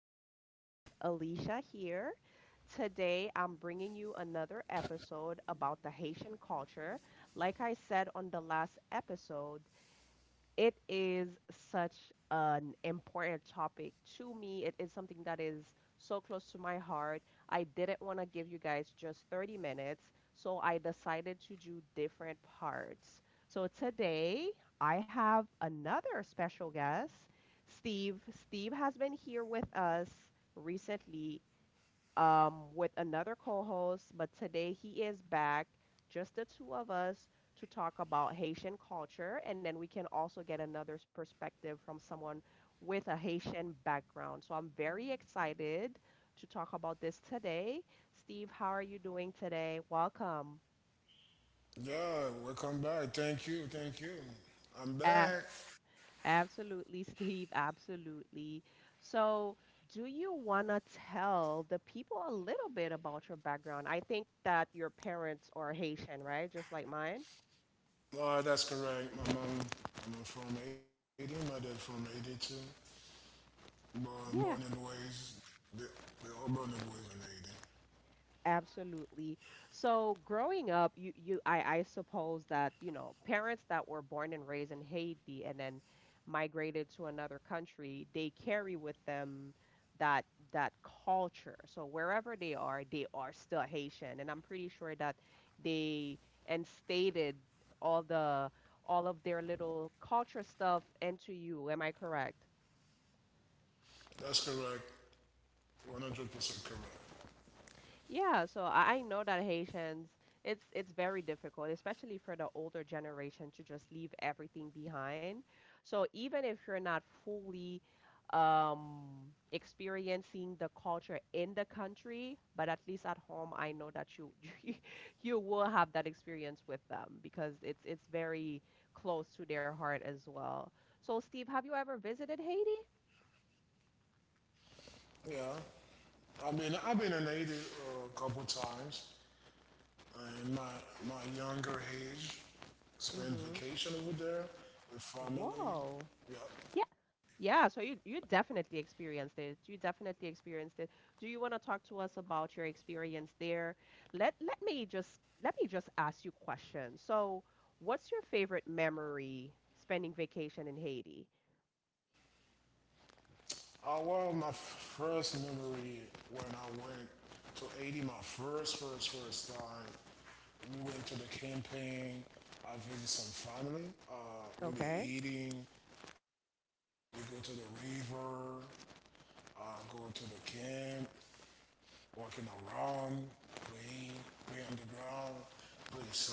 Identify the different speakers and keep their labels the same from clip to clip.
Speaker 1: favorite host, Alicia, here. Today, I'm bringing you another episode about the Haitian culture. Like I said on the last episode, it is such an important topic to me. It is something that is so close to my heart. I didn't want to give you guys just 30 minutes, so I decided to do different parts. So today I have another special guest, Steve. Steve has been here with us recently with another co host, but today he is back, just the two of us, to talk about Haitian culture. And then we can also get another perspective from someone with a Haitian background. So I'm very excited to talk about this today. Steve, how are you doing today? Welcome.
Speaker 2: Yeah, welcome back. Thank you, thank you. I'm
Speaker 1: Uh,
Speaker 2: back.
Speaker 1: Absolutely, Steve. Absolutely. So, do you want to tell the people a little bit about your background? I think that your parents are Haitian, right? Just like mine.
Speaker 2: That's correct. My mom, I'm from 80, my dad from 82. Born and
Speaker 1: Yeah.
Speaker 2: raised, they, we all born and raised in
Speaker 1: Absolutely. So growing up, you I suppose that, you know, parents that were born and raised in Haiti and then migrated to another country, they carry with them that that culture. So wherever they are still Haitian. And I'm pretty sure that they instated all the all of their little culture stuff into you. Am I correct?
Speaker 2: 80. That's correct. 100% correct.
Speaker 1: Yeah, so I know that Haitians, it's very difficult, especially for the older generation to just leave everything behind. So even if you're not fully um, experiencing the culture in the country, but at least at home, I know that you you you will have that experience with them because it's very close to their heart as well. So Steve, have you ever visited Haiti?
Speaker 2: Yeah. I've been in 80 a couple times. In my younger age, spent vacation over there
Speaker 1: Mm-hmm.
Speaker 2: with family. Yeah.
Speaker 1: Whoa. Yeah, so you definitely experienced it. You definitely experienced it. Do you want to talk to us about your experience there? Let me just ask you questions. So, what's your favorite memory spending vacation in Haiti?
Speaker 2: Well, my first memory when I went to Haiti, my first time, we went to the campaign. I visited some family. Uh, we be
Speaker 1: Okay.
Speaker 2: eating. We go to the river. Uh, Go to the camp. Walking around, play, play on the ground, play soccer,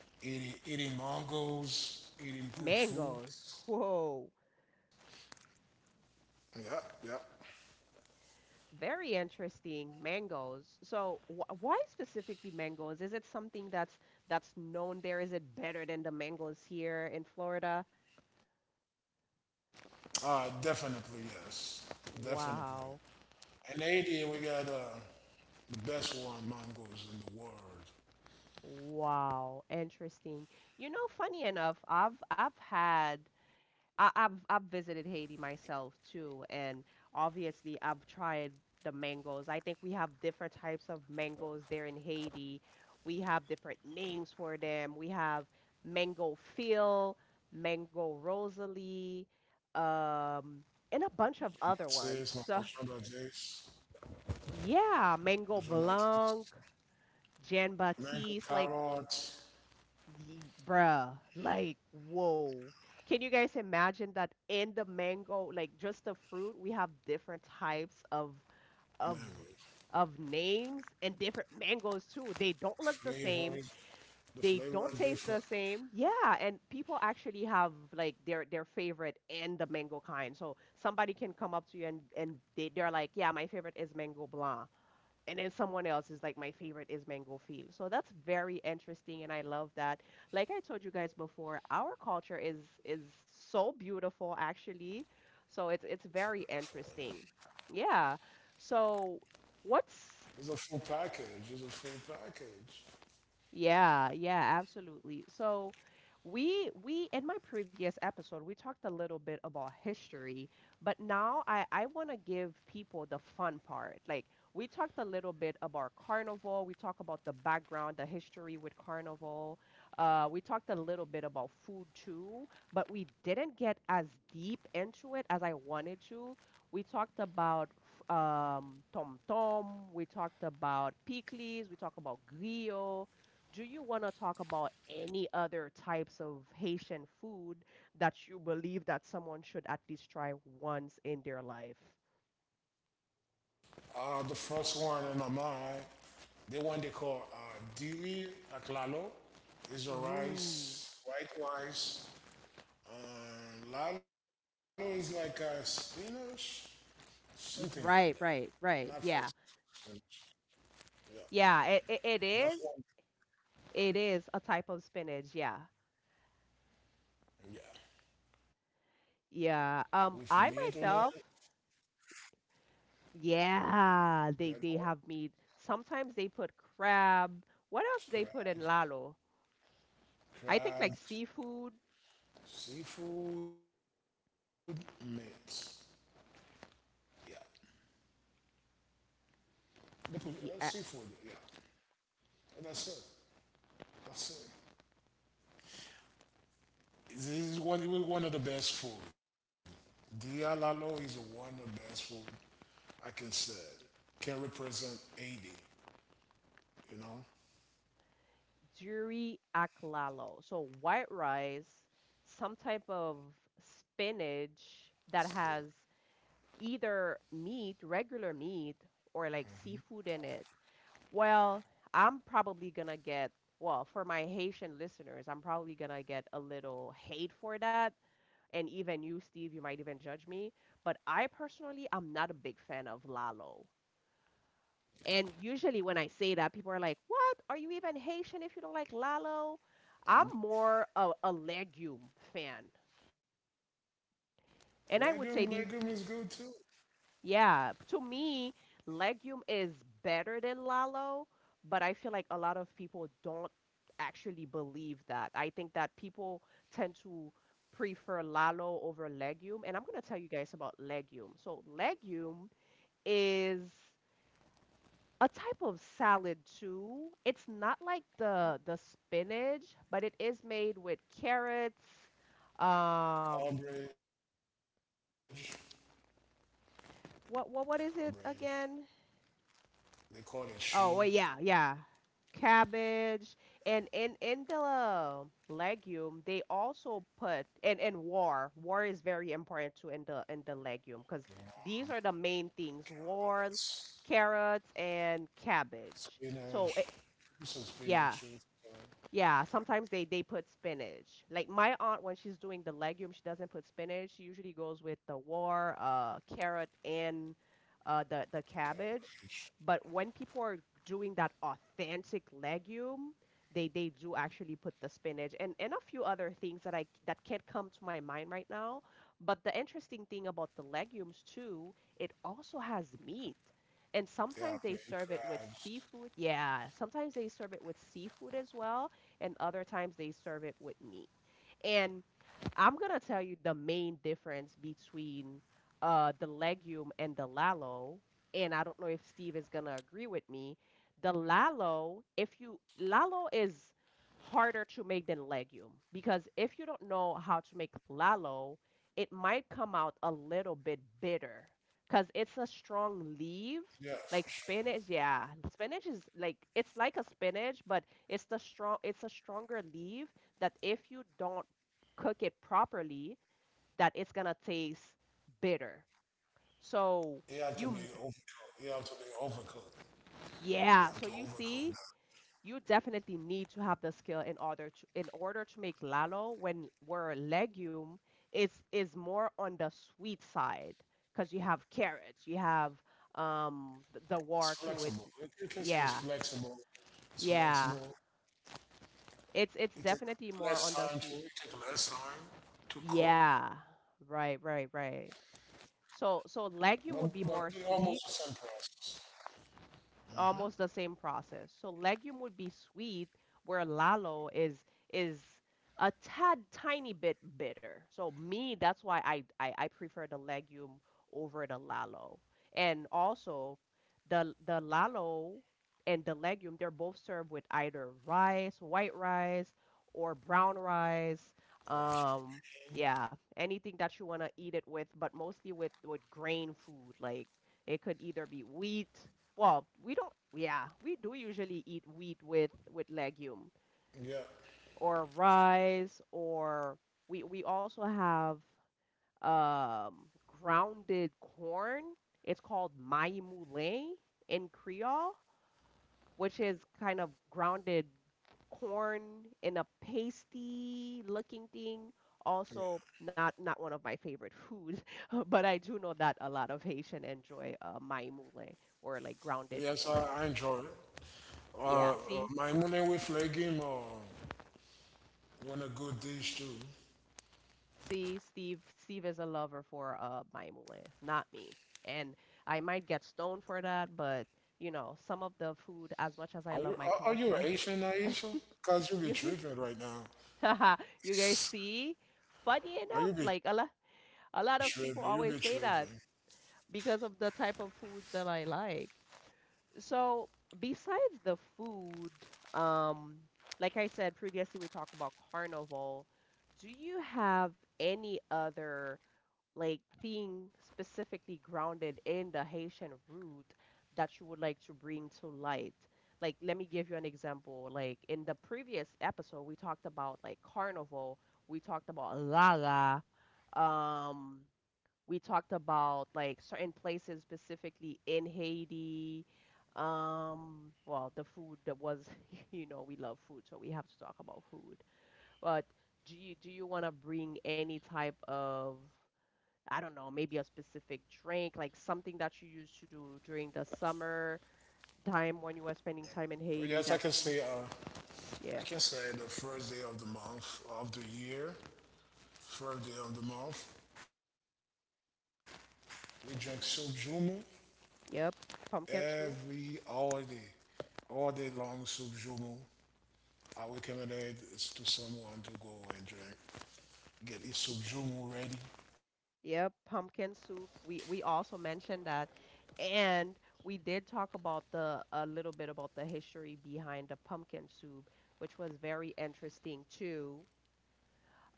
Speaker 2: eating mangoes, eating good food.
Speaker 1: Mangoes. Whoa.
Speaker 2: Yeah, yeah.
Speaker 1: Very interesting. Mangoes. So, wh why specifically mangoes? Is it something that's known there? Is it better than the mangoes here in Florida?
Speaker 2: Definitely, yes. Definitely. In
Speaker 1: Wow.
Speaker 2: Haiti, we got the best one mangoes in the world.
Speaker 1: Wow, interesting. You know, funny enough, I've had I, I've visited Haiti myself too, and obviously I've tried the mangoes. I think we have different types of mangoes there in Haiti. We have different names for them. We have mango Phil, mango Rosalie, um, and a bunch
Speaker 2: Jean-Baptiste,
Speaker 1: of
Speaker 2: Mango
Speaker 1: other ones. So
Speaker 2: Jean-Baptiste,
Speaker 1: yeah, mango
Speaker 2: Jean-Baptiste,
Speaker 1: Blanc, Jean
Speaker 2: mango
Speaker 1: Baptiste, like
Speaker 2: carrots,
Speaker 1: ye, bruh, like, whoa. Can you guys imagine that in the mango, like just the fruit, we have different types of
Speaker 2: mango
Speaker 1: of names and different mangoes too. They don't look the same.
Speaker 2: flavor.
Speaker 1: They
Speaker 2: The
Speaker 1: don't
Speaker 2: flavor are
Speaker 1: taste the
Speaker 2: different.
Speaker 1: same. Yeah, and people actually have like their favorite in the mango kind. So somebody can come up to you and they're like, "Yeah, my favorite is mango blanc." And then someone else is like my favorite is mango field. So that's very interesting and I love that. Like I told you guys before, our culture is so beautiful actually. So it's
Speaker 2: Beautiful.
Speaker 1: it's very interesting. Yeah. So
Speaker 2: It's
Speaker 1: what's
Speaker 2: a full package. It's a full package.
Speaker 1: yeah, yeah, absolutely. So we in my previous episode we talked a little bit about history, but now I want to give people the fun part. Like we talked a little bit about carnival, we talked about the background, the history with carnival. We talked a little bit about food too, but we didn't get as deep into it as I wanted to. We talked about tom tom, we talked about pickles, we talked about griot. Do you want to talk about any other types of Haitian food that you believe that someone should at least try once in their life?
Speaker 2: The first one in my mind, the one they call Diri Aklalo is a rice,
Speaker 1: Ooh.
Speaker 2: white rice. Lalo is like a spinach, something like that.
Speaker 1: Right,
Speaker 2: Not for
Speaker 1: right, right. Yeah.
Speaker 2: spinach, yeah.
Speaker 1: Yeah,
Speaker 2: That's
Speaker 1: it
Speaker 2: one.
Speaker 1: is. It is a type of spinach. Yeah.
Speaker 2: Yeah, with meat
Speaker 1: Yeah.
Speaker 2: on it.
Speaker 1: I myself,
Speaker 2: Like
Speaker 1: yeah, they have meat. Sometimes they put crab. What else do they
Speaker 2: crab,
Speaker 1: put in lalo? I think like
Speaker 2: crab,
Speaker 1: seafood.
Speaker 2: seafood, meat. Yeah, they put seafood. Yeah, and that's it. That's it. This is one of the best food. Dialalo is one of the best food I can say. Can represent 80, you know?
Speaker 1: Juri aklalo. So white rice, some type of
Speaker 2: Still.
Speaker 1: spinach that has either meat, regular meat, or like seafood in it. Well, I'm probably gonna get, well, for my Haitian listeners, I'm probably gonna get a little hate for that. And even you, Steve, you might even judge me. But I personally, I'm not a big fan of lalo. And usually when I say that, people are like, "What? Are you even Haitian if you don't like lalo?" I'm
Speaker 2: Um,
Speaker 1: more of a legume fan.
Speaker 2: legume
Speaker 1: And
Speaker 2: is
Speaker 1: I would
Speaker 2: good
Speaker 1: say
Speaker 2: too.
Speaker 1: these, yeah, to me, legume is better than lalo, but I feel like a lot of people don't actually believe that. I think that people tend to prefer lalo over legume, and I'm going to tell you guys about legume. So legume is a type of salad too. It's not like the spinach, but it is made with carrots. Um,
Speaker 2: Carbage,
Speaker 1: what is
Speaker 2: carbage.
Speaker 1: it again?
Speaker 2: They call it
Speaker 1: Oh,
Speaker 2: shoe,
Speaker 1: well, yeah, yeah. Cabbage and in the legume they also put and war. War is very important too in the
Speaker 2: the
Speaker 1: in the
Speaker 2: one,
Speaker 1: legume because these are the main things:
Speaker 2: carrots,
Speaker 1: war, carrots, and cabbage. So it,
Speaker 2: spinach. This is
Speaker 1: yeah,
Speaker 2: spinach too. So
Speaker 1: yeah, sometimes they put spinach. Like my aunt, when she's doing the legume, she doesn't put spinach. She usually goes with the war, carrot, and the cabbage.
Speaker 2: Cambridge.
Speaker 1: But when people are doing that authentic legume, they do actually put the spinach and a few other things that I that can't come to my mind right now. But the interesting thing about the legumes too, it also has meat. And
Speaker 2: They
Speaker 1: sometimes
Speaker 2: have to
Speaker 1: they
Speaker 2: be
Speaker 1: serve it with
Speaker 2: crabs.
Speaker 1: seafood. Yeah, sometimes they serve it with seafood as well and other times they serve it with meat. And I'm gonna tell you the main difference between the legume and the lalo, and I don't know if Steve is gonna agree with me. The lalo, if you lalo is harder to make than legume because if you don't know how to make lalo, it might come out a little bit bitter because it's a strong leaf.
Speaker 2: Yeah, for sure.
Speaker 1: Like spinach, yeah. Spinach is like it's like a spinach, but it's a stronger leaf that if you don't cook it properly that it's gonna taste bitter.
Speaker 2: It had to be
Speaker 1: So you,
Speaker 2: overcooked. It had to be overcooked. You have to
Speaker 1: yeah.
Speaker 2: overcome
Speaker 1: So
Speaker 2: that.
Speaker 1: you see, you definitely need to have the skill in order to make lalo when where legume is more on the sweet side because you have carrots, you have
Speaker 2: It's
Speaker 1: the war
Speaker 2: flexible.
Speaker 1: too. It's
Speaker 2: Say it's
Speaker 1: yeah,
Speaker 2: flexible. It's
Speaker 1: yeah.
Speaker 2: flexible.
Speaker 1: It's
Speaker 2: It takes
Speaker 1: definitely more on the sweet.
Speaker 2: it takes less time to cook.
Speaker 1: Yeah, right, right, right. So so
Speaker 2: But but they
Speaker 1: legume would be
Speaker 2: almost the
Speaker 1: more
Speaker 2: same
Speaker 1: sweet
Speaker 2: process.
Speaker 1: almost the same process. So legume would be sweet, where lalo is a tad tiny bit bitter. So me, that's why I prefer the legume over the lalo. And also the lalo and the legume, they're both served with either rice, white rice, or brown rice.
Speaker 2: Wash
Speaker 1: Um, yeah,
Speaker 2: it.
Speaker 1: anything that you want to eat it with, but mostly with grain food. Like it could either be wheat well, we don't, yeah, we do usually eat wheat with legume
Speaker 2: Yeah.
Speaker 1: or rice or we also have um grounded corn. It's called maï moulé in Creole, which is kind of grounded corn in a pasty looking thing. Also,
Speaker 2: Yeah.
Speaker 1: not one of my favorite foods, but I do know that a lot of Haitian enjoy maï moulé or like
Speaker 2: Yes,
Speaker 1: grounded
Speaker 2: I,
Speaker 1: corn.
Speaker 2: I enjoy it.
Speaker 1: Yeah,
Speaker 2: My morning with legume or want a good dish too.
Speaker 1: see, Steve is a lover for Maimule, not me. And I might get stoned for that, but you know, some of the food, as much as I
Speaker 2: Are
Speaker 1: love
Speaker 2: you
Speaker 1: my culture,
Speaker 2: Asian, Aisha? Cause you
Speaker 1: you
Speaker 2: be tripping right now.
Speaker 1: you guys see, funny enough,
Speaker 2: Are
Speaker 1: like
Speaker 2: you be tripping? You be
Speaker 1: a lot of people
Speaker 2: tripping.
Speaker 1: always say that because of the type of foods that I like. So besides the food, um, like I said previously, we talked about carnival. Do you have any other like thing specifically grounded in the Haitian root that you would like to bring to light? Like, let me give you an example. Like in the previous episode, we talked about like carnival, we talked about Lala, um, we talked about like certain places specifically in Haiti. Well, the food that was, you know, we love food, so we have to talk about food. But do you want to bring any type of I don't know, maybe a specific drink, like something that you used to do during the summer time when you were spending time in
Speaker 2: Yes,
Speaker 1: Haiti
Speaker 2: I can
Speaker 1: that you would,
Speaker 2: say uh, I
Speaker 1: yeah,
Speaker 2: can say the first day of the month of the year, first day of the month, we drink sojumu
Speaker 1: yep,
Speaker 2: every
Speaker 1: pumpkin soup.
Speaker 2: all day long sojumu. I recommend it to someone to go and drink, get his sojumu ready.
Speaker 1: Yep, pumpkin soup. We also mentioned that, and we did talk about the a little bit about the history behind the pumpkin soup, which was very interesting too.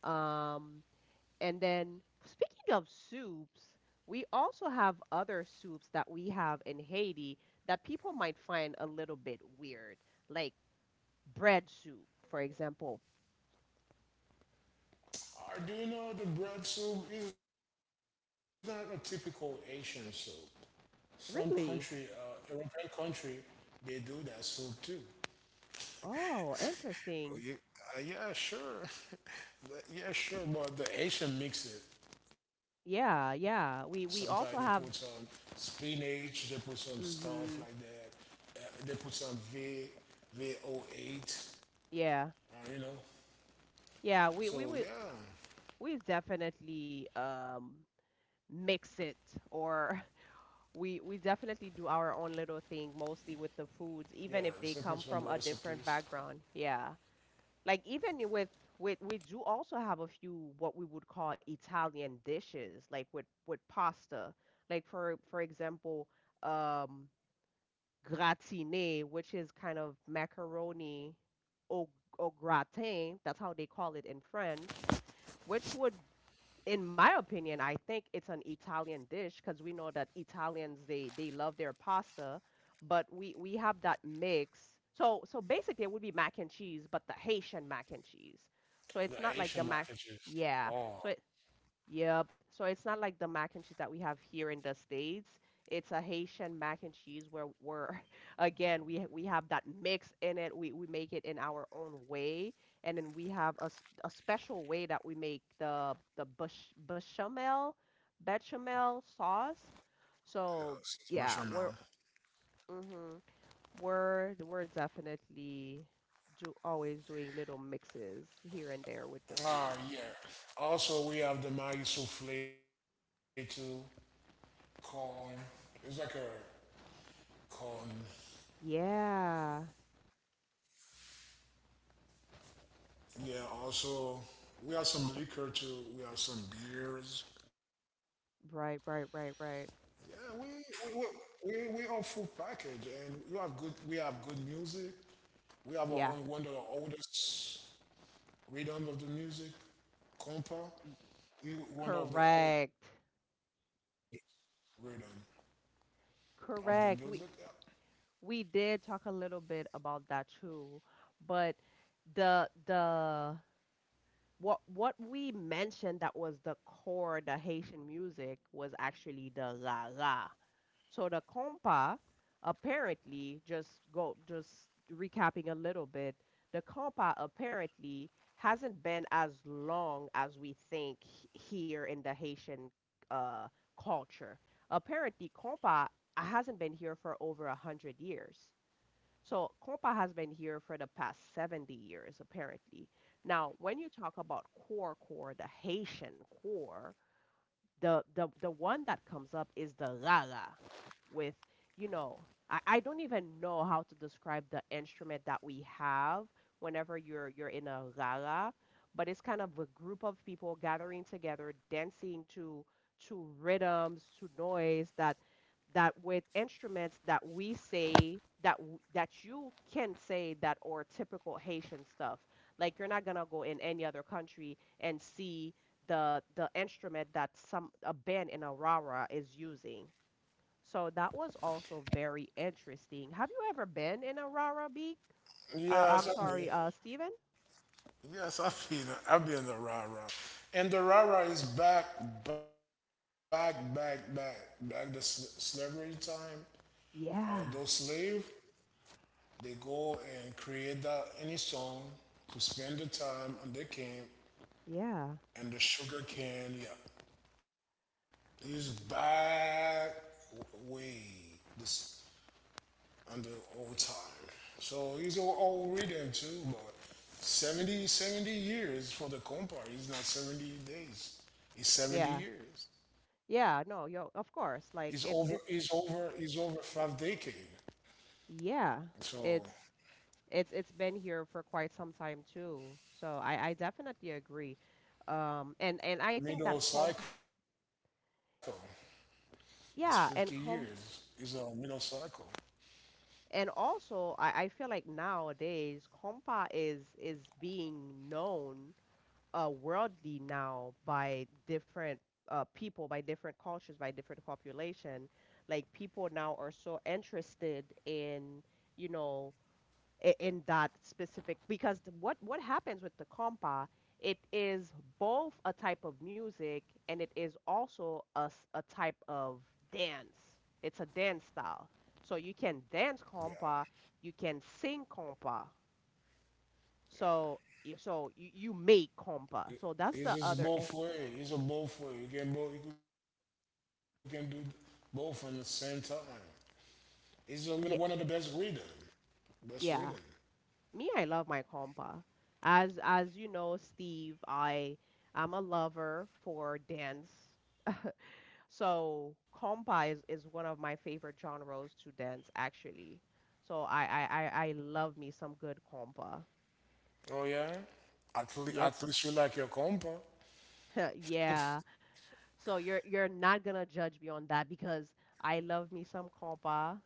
Speaker 1: Um, and then speaking of soups, we also have other soups that we have in Haiti that people might find a little bit weird, like bread soup, for example.
Speaker 2: Or do you know the bread soup is not a typical Asian soup? Some country,
Speaker 1: Really?
Speaker 2: European country, they do that soup too.
Speaker 1: Oh,
Speaker 2: Oh, yeah,
Speaker 1: interesting.
Speaker 2: yeah, sure. Yeah, sure, but the Asian mix it.
Speaker 1: Yeah,
Speaker 2: Sometimes they put
Speaker 1: yeah. We
Speaker 2: some
Speaker 1: we also have
Speaker 2: spinach, they put some stuff like that.
Speaker 1: mhm.
Speaker 2: They put some V, VO8,
Speaker 1: Yeah.
Speaker 2: uh, you know.
Speaker 1: Yeah, we
Speaker 2: So
Speaker 1: we we
Speaker 2: yeah,
Speaker 1: we definitely mix it or we definitely do our own little thing mostly with the foods even if
Speaker 2: yeah,
Speaker 1: they come
Speaker 2: simple
Speaker 1: from a
Speaker 2: some
Speaker 1: different
Speaker 2: recipes.
Speaker 1: background. Yeah, like even with we do also have a few what we would call Italian dishes, like with pasta, like for example, um gratine, which is kind of macaroni au, au gratin, that's how they call it in French, which would, in my opinion, I think it's an Italian dish because we know that Italians, they love their pasta, but we have that mix. So basically it would be mac and cheese, but the Haitian mac and cheese. So it's not like
Speaker 2: The
Speaker 1: the mac.
Speaker 2: Asian mac and
Speaker 1: Yeah.
Speaker 2: cheese.
Speaker 1: So
Speaker 2: Oh,
Speaker 1: yep, so it's not like the mac and cheese that we have here in the States. It's a Haitian mac and cheese where we're again, we have that mix in it. We make it in our own way, and then we have a special way that we make the bechamel bechamel sauce.
Speaker 2: yeah,
Speaker 1: So
Speaker 2: special
Speaker 1: yeah,
Speaker 2: now.
Speaker 1: we're mm-hmm, we're definitely always doing little mixes here and there with the foods.
Speaker 2: Ah, yeah. Also, we have the Maggi souffle too. Corn. It's like a corn.
Speaker 1: Yeah.
Speaker 2: Yeah. Also, we have some liquor too. We have some beers.
Speaker 1: Right, right, right, right.
Speaker 2: Yeah, we on full package, and you have good. We have good music. We
Speaker 1: Yeah.
Speaker 2: have our own, one of the oldest rhythm of the music,
Speaker 1: y-
Speaker 2: compa. You
Speaker 1: Correct.
Speaker 2: one of the oldest rhythm of the
Speaker 1: Correct.
Speaker 2: music. Yeah.
Speaker 1: We did talk a little bit about that too, but the what we mentioned that was the core, the Haitian music was actually the la la. So the compa apparently just recapping a little bit, the compa apparently hasn't been as long as we think here in the Haitian uh, culture. Apparently, compa hasn't been here for over 100 years. So compa has been here for the past 70 years, apparently. Now, when you talk about core, the Haitian core, the one that comes up is the rara with, you know, I don't even know how to describe the instrument that we have whenever you're in a rara, but it's kind of a group of people gathering together dancing to rhythms, to noise, that with instruments that we say that that you can say that are typical Haitian stuff. Like you're not gonna go in any other country and see the instrument that some a band in Aurora is using. So that was also very interesting. Have you ever been in Aurora Beak? I'm sorry, Steven?
Speaker 2: Yes, I mean, yes, I feel it. I be in the rah rah, and the rah rah is back, back, back, back, back the slavery time.
Speaker 1: Yeah,
Speaker 2: Those slave. They go and create that any song to spend the time on their camp
Speaker 1: yeah,
Speaker 2: and the sugar cane. Yeah, this back way this on the old time. So it's an old rhythm too, but seventy years for the compa. It's not 70 days. It's
Speaker 1: yeah,
Speaker 2: 70 years.
Speaker 1: yeah. No,
Speaker 2: It's
Speaker 1: yo, of
Speaker 2: over.
Speaker 1: course.
Speaker 2: It's
Speaker 1: Like
Speaker 2: over.
Speaker 1: it's
Speaker 2: It's
Speaker 1: it's
Speaker 2: over 5 decade.
Speaker 1: yeah,
Speaker 2: So
Speaker 1: it's it's been here for quite some time too. So I definitely agree. And I think that
Speaker 2: middle
Speaker 1: comp
Speaker 2: cycle. It's 50 years. It's
Speaker 1: yeah,
Speaker 2: a
Speaker 1: and
Speaker 2: middle
Speaker 1: comp
Speaker 2: cycle.
Speaker 1: and also, I feel like nowadays, compa is being known worldly now by different people, by different cultures, by different population. Like people now are so interested in, you know, in that specific, because what happens with the compa, it is both a type of music, and it is also a type of dance. It's a dance style, so you
Speaker 2: Yeah,
Speaker 1: can dance compa, you can sing compa.
Speaker 2: yeah.
Speaker 1: So you, you make compa. So that's
Speaker 2: It's
Speaker 1: the
Speaker 2: just
Speaker 1: other
Speaker 2: both way. It's a both way. You can both. You can do both at the same time. Even one of the best reading.
Speaker 1: yeah,
Speaker 2: Best reading.
Speaker 1: yeah, me, I love my compa. As you know, Steve, I'm a lover for dance. So compa is one of my favorite genres to dance actually. So I love me some good compa.
Speaker 2: Oh yeah.
Speaker 1: Yep.
Speaker 2: At least you like your compa.
Speaker 1: Yeah. So you're not gonna judge me on that because
Speaker 2: At
Speaker 1: I love me some
Speaker 2: least
Speaker 1: compa,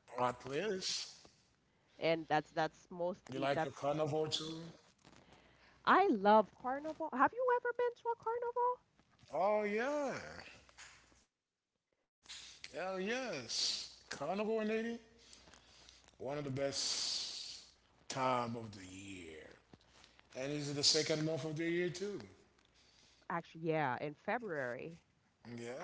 Speaker 2: you
Speaker 1: and
Speaker 2: like your carnival too.
Speaker 1: that's I love carnival. Have you ever been to a carnival?
Speaker 2: Oh yeah. Hell yes. Carnival in Haiti. One of the best time of the year. And it's the second month of the year too?
Speaker 1: Actually, yeah, in February.
Speaker 2: Yeah.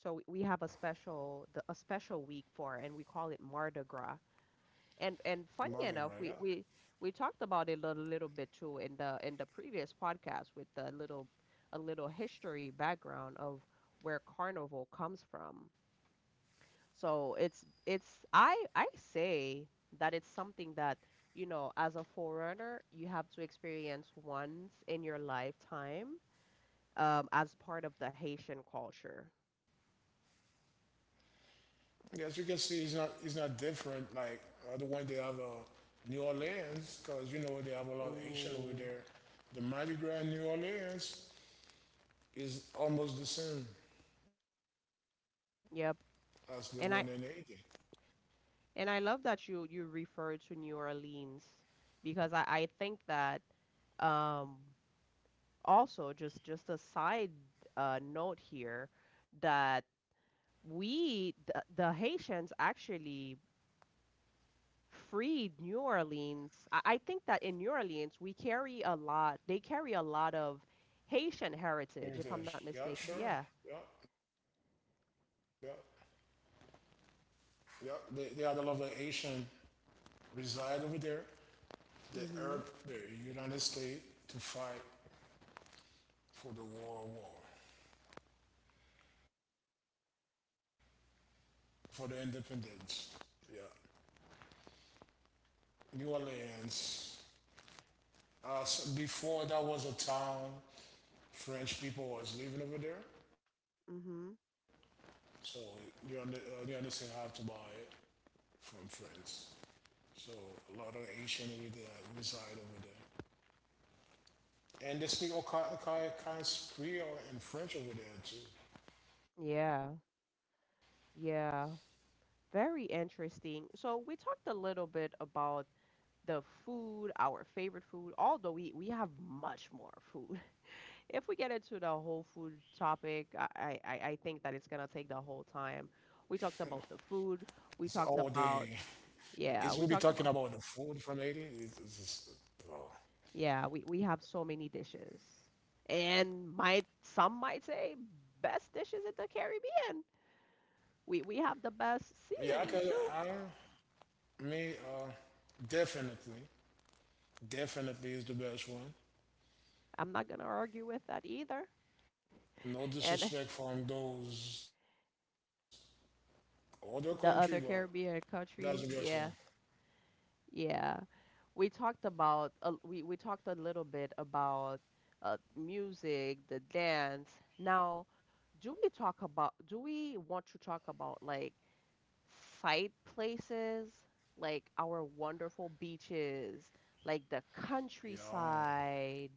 Speaker 1: So we have a special week for, and we call it Mardi Gras. And
Speaker 2: Mardi Gras,
Speaker 1: funny
Speaker 2: yeah.
Speaker 1: enough, we talked about it a little bit too in the previous podcast with the little a little history background of where carnival comes from. So it's I say that it's something that, you know, as a forerunner, you have to experience once in your lifetime, as part of the Haitian culture.
Speaker 2: Yeah, as you can see, he's not different like the one they have New Orleans, because you know they have a lot of Asian over
Speaker 1: Ooh,
Speaker 2: there. The Mardi Gras in New Orleans is almost the same as the one in
Speaker 1: yep.
Speaker 2: Haiti.
Speaker 1: And I And I love that you refer to New Orleans because I think that um, also just a side note here that the Haitians actually freed New Orleans. I think that in New Orleans we carry a lot. They carry a lot of Haitian heritage, if I'm not
Speaker 2: Heritage. Yeah,
Speaker 1: mistaken.
Speaker 2: sure.
Speaker 1: Yeah.
Speaker 2: Yeah, yeah, yeah. They had a lot of Asian reside over there. They help the
Speaker 1: Mm-hmm.
Speaker 2: United States to fight for the war for the independence. Yeah, New Orleans. So before that was a town French people was living over there, so
Speaker 1: Mm-hmm.
Speaker 2: you understand I have to buy it from France. So a lot of Asian reside over there, and they speak all kinds of Creole and French over there too.
Speaker 1: Yeah. Yeah. Very interesting. So we talked a little bit about the food, our favorite food, although we have much more food. If we get into the whole food topic, I think that it's going to take the whole time. We talked about
Speaker 2: It's
Speaker 1: the
Speaker 2: all
Speaker 1: food.
Speaker 2: day.
Speaker 1: We talked about,
Speaker 2: It's We'll be talking
Speaker 1: yeah,
Speaker 2: about
Speaker 1: we
Speaker 2: the
Speaker 1: talked about,
Speaker 2: food from Haiti. It's just, oh.
Speaker 1: yeah, we have so many dishes. And might say best dishes in the Caribbean. We
Speaker 2: Yeah,
Speaker 1: have the
Speaker 2: I could.
Speaker 1: best
Speaker 2: I
Speaker 1: seasoning too.
Speaker 2: me Definitely, definitely is the best one.
Speaker 1: I'm not going to argue with that either.
Speaker 2: No
Speaker 1: And
Speaker 2: disrespect from those other country, but
Speaker 1: the other
Speaker 2: that's the best
Speaker 1: Caribbean
Speaker 2: one.
Speaker 1: countries, yeah, yeah, we talked about we talked a little bit about music, the dance. Now, do we want to talk about like sight places, like our wonderful beaches, like the
Speaker 2: Yeah.
Speaker 1: countryside,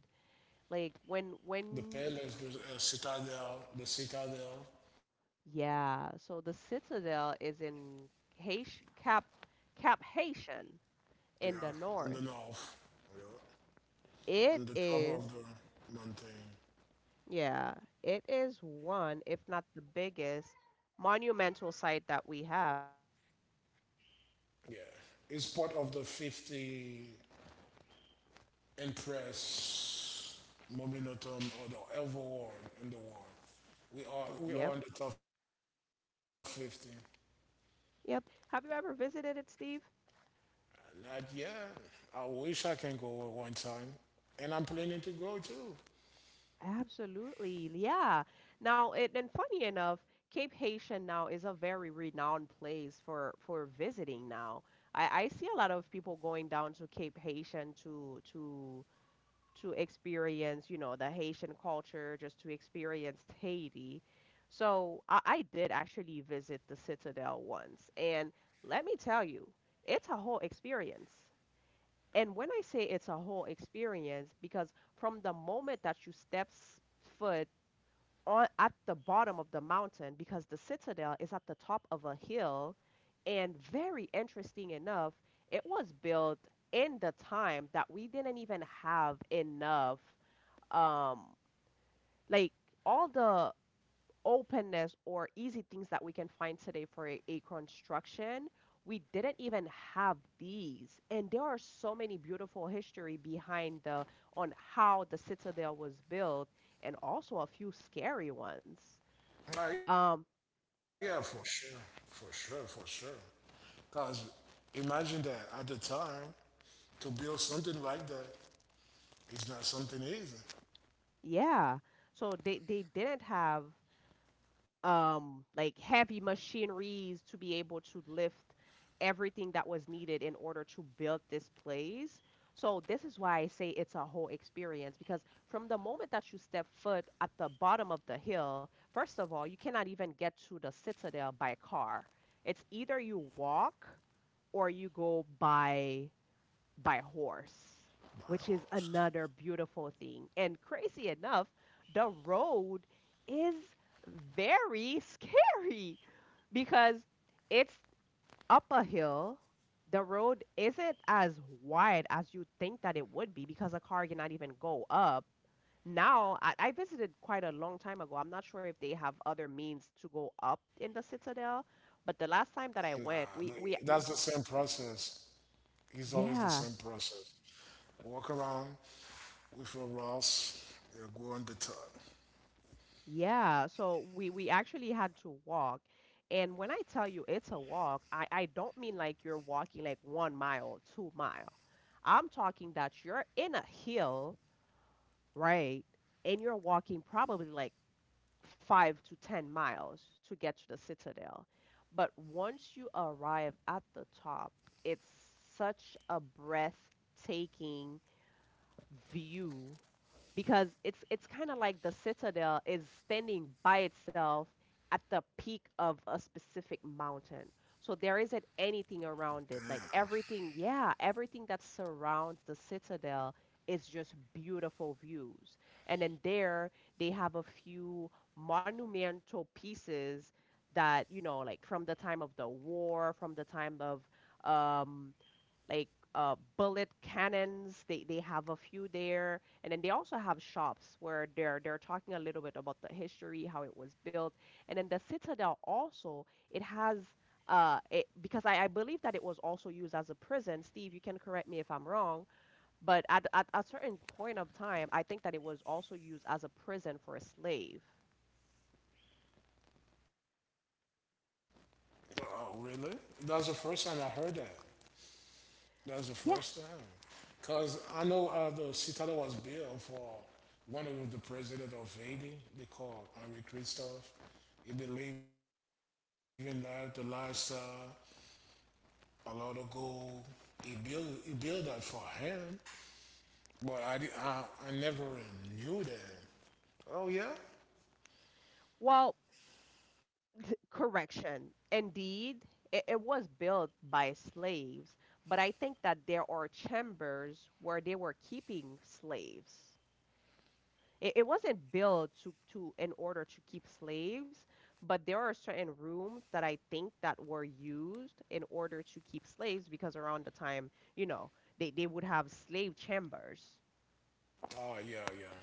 Speaker 1: like when
Speaker 2: The
Speaker 1: when
Speaker 2: Palace, the Citadel, the Citadel.
Speaker 1: yeah, so the Citadel is in Haiti, Cap Haitian
Speaker 2: Yeah.
Speaker 1: in the
Speaker 2: On the
Speaker 1: north.
Speaker 2: north. Yeah.
Speaker 1: It
Speaker 2: On the top
Speaker 1: is
Speaker 2: of the mountain.
Speaker 1: Yeah, it is one, if not the biggest, monumental site that we have.
Speaker 2: Yeah. It's part of the 50 empress momentum or the ever world in the world. We are
Speaker 1: Yep,
Speaker 2: we are in the top 50.
Speaker 1: yep. Have you ever visited it, Steve?
Speaker 2: Not yet. I wish I can go one time. And I'm planning to go too.
Speaker 1: Absolutely, yeah. Now, and funny enough, Cape Haitian now is a very renowned place for visiting now. I see a lot of people going down to Cape Haitian to to experience, you know, the Haitian culture, just to experience Haiti. So I did actually visit the Citadel once, and let me tell you, it's a whole experience. And when I say it's a whole experience, because from the moment that you steps foot on at the bottom of the mountain, because the Citadel is at the top of a hill, and very interesting enough, it was built in the time that we didn't even have enough um, like all the openness or easy things that we can find today for a construction, we didn't even have these. And there are so many beautiful history behind the on how the citadel was built, and also a few scary ones. Um,
Speaker 2: Oh, yeah, for sure. For sure, for sure. Because imagine that at the time, to build something like that is not something easy.
Speaker 1: yeah. So they didn't have like heavy machineries to be able to lift everything that was needed in order to build this place. So this is why I say it's a whole experience because from the moment that you step foot at the bottom of the hill, first of all, you cannot even get to the citadel by car. It's either you walk or you go by horse, which is
Speaker 2: My
Speaker 1: another
Speaker 2: horse.
Speaker 1: beautiful thing. And crazy enough, the road is very scary because it's up a hill. The road isn't as wide as you think that it would be because a car cannot even go up. Now, I visited quite a long time ago. I'm not sure if they have other means to go up in the Citadel, but the last time that I
Speaker 2: Nah,
Speaker 1: went,
Speaker 2: that's
Speaker 1: we
Speaker 2: the same process. It's always
Speaker 1: yeah,
Speaker 2: the same process. Walk around with your Ross, you go on the top.
Speaker 1: yeah, so we actually had to walk. And when I tell you it's a walk, I don't mean like you're walking like 1 mile, 2 mile. I'm talking that you're in a hill, right? And you're walking probably like 5 to 10 miles to get to the citadel. But once you arrive at the top, it's such a breathtaking view because it's kind of like the citadel is standing by itself at the peak of a specific mountain. So there isn't anything around it. Like everything, yeah, everything that surrounds the citadel is just beautiful views. And then there they have a few monumental pieces that, you know, like from the time of the war, from the time of um like bullet cannons. They have a few there, and then they also have shops where they're talking a little bit about the history, how it was built, and then the citadel also it has because I believe that it was also used as a prison. Steve, you can correct me if I'm wrong, but at a certain point of time, I think that it was also used as a prison for a slave.
Speaker 2: Oh, really? That's the first time I heard that. That's the
Speaker 1: Yeah.
Speaker 2: first time. Because I know the Citadel was built for one of the president of Haiti. They call Henri Christophe. He believed in that, the lifestyle, a lot of gold. He built that for him, but I never knew that. Oh yeah.
Speaker 1: Well, correction. Indeed, it was built by slaves, but I think that there are chambers where they were keeping slaves. It wasn't built to in order to keep slaves, but there are certain rooms that I think that were used in order to keep slaves because around the time, you know, they would have slave chambers.
Speaker 2: Oh, yeah, yeah,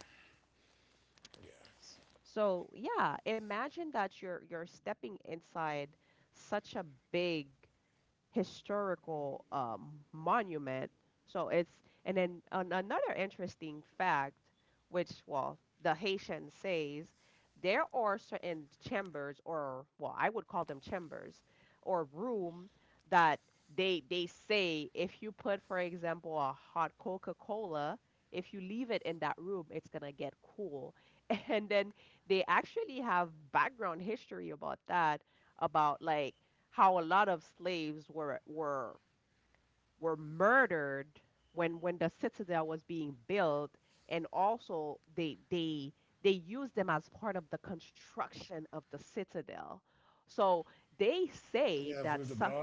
Speaker 2: yeah.
Speaker 1: So yeah, imagine that you're stepping inside such a big historical monument. So and then another interesting fact, which, well, the Haitian says there are certain chambers, or, well, I would call them chambers, or room that they say if you put, for example, a hot Coca-Cola, if you leave it in that room, it's gonna get cool. And then they actually have background history about that, about like how a lot of slaves were murdered when the citadel was being built, and also they they used them as part of the construction of the citadel. So
Speaker 2: Yeah, with the
Speaker 1: they
Speaker 2: blonde,
Speaker 1: say
Speaker 2: yeah.
Speaker 1: that some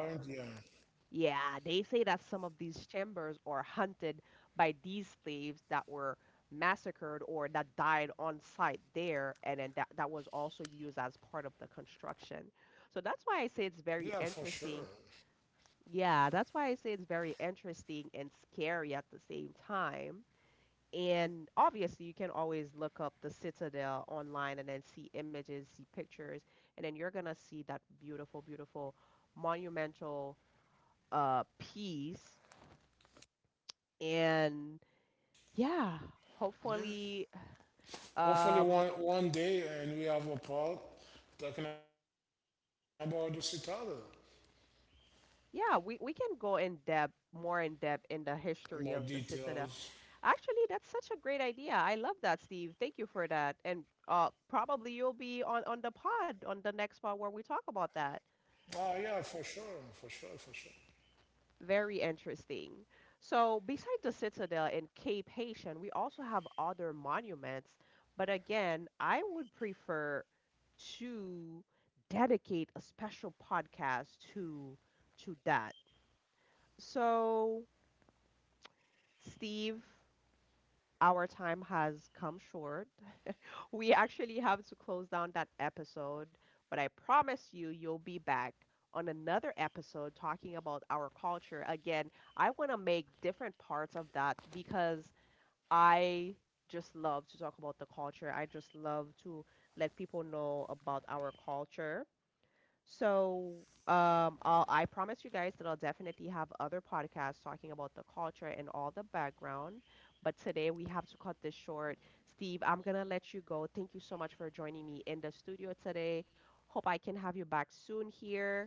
Speaker 1: yeah, they say that some of these chambers are hunted by these slaves that were massacred or that died on site there, and then that was also used as part of the construction,
Speaker 2: Yeah, for
Speaker 1: so
Speaker 2: sure.
Speaker 1: that's why I say it's very interesting yeah, that's why I say it's very interesting and scary at the same time. And obviously, you can always look up the Citadel online and then see images, see pictures, and then you're gonna see that beautiful, beautiful monumental piece. And yeah,
Speaker 2: Yeah.
Speaker 1: hopefully,
Speaker 2: Hopefully,
Speaker 1: um
Speaker 2: one day, and we have a part talking about the citadel.
Speaker 1: yeah, we can go in depth, more in depth in the
Speaker 2: More
Speaker 1: history of the Citadel.
Speaker 2: details.
Speaker 1: Actually, that's such a great idea. I love that, Steve. Thank you for that. And probably you'll be on the pod, on the next pod where we talk
Speaker 2: Oh,
Speaker 1: about
Speaker 2: yeah,
Speaker 1: that.
Speaker 2: for sure, for sure, for sure.
Speaker 1: Very interesting. So, beside the Citadel and Cape Haitian, we also have other monuments. But again, I would prefer to dedicate a special podcast to that. So, Steve, our time has come short. We actually have to close down that episode, but I promise you, you'll be back on another episode talking about our culture. Again, I want to make different parts of that because I just love to talk about the culture. I just love to let people know about our culture. So, I promise you guys that I'll definitely have other podcasts talking about the culture and all the background. But today we have to cut this short. Steve, I'm gonna let you go. Thank you so much for joining me in the studio today. Hope I can have you back soon here.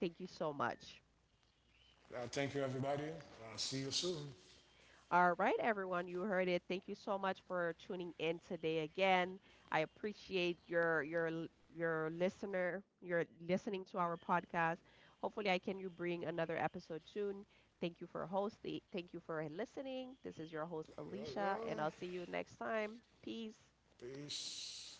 Speaker 1: Thank you so much.
Speaker 2: Thank you, everybody. I'll see you soon.
Speaker 1: All right, everyone, you heard it. Thank you so much for tuning in today again. I appreciate your l- your listener, your listening to our podcast. Hopefully, I can you bring another episode soon. Thank you for hosting. Thank you for listening. This is your host
Speaker 2: Yeah,
Speaker 1: Alicia,
Speaker 2: yeah.
Speaker 1: and I'll see you next time. Peace.
Speaker 2: Peace.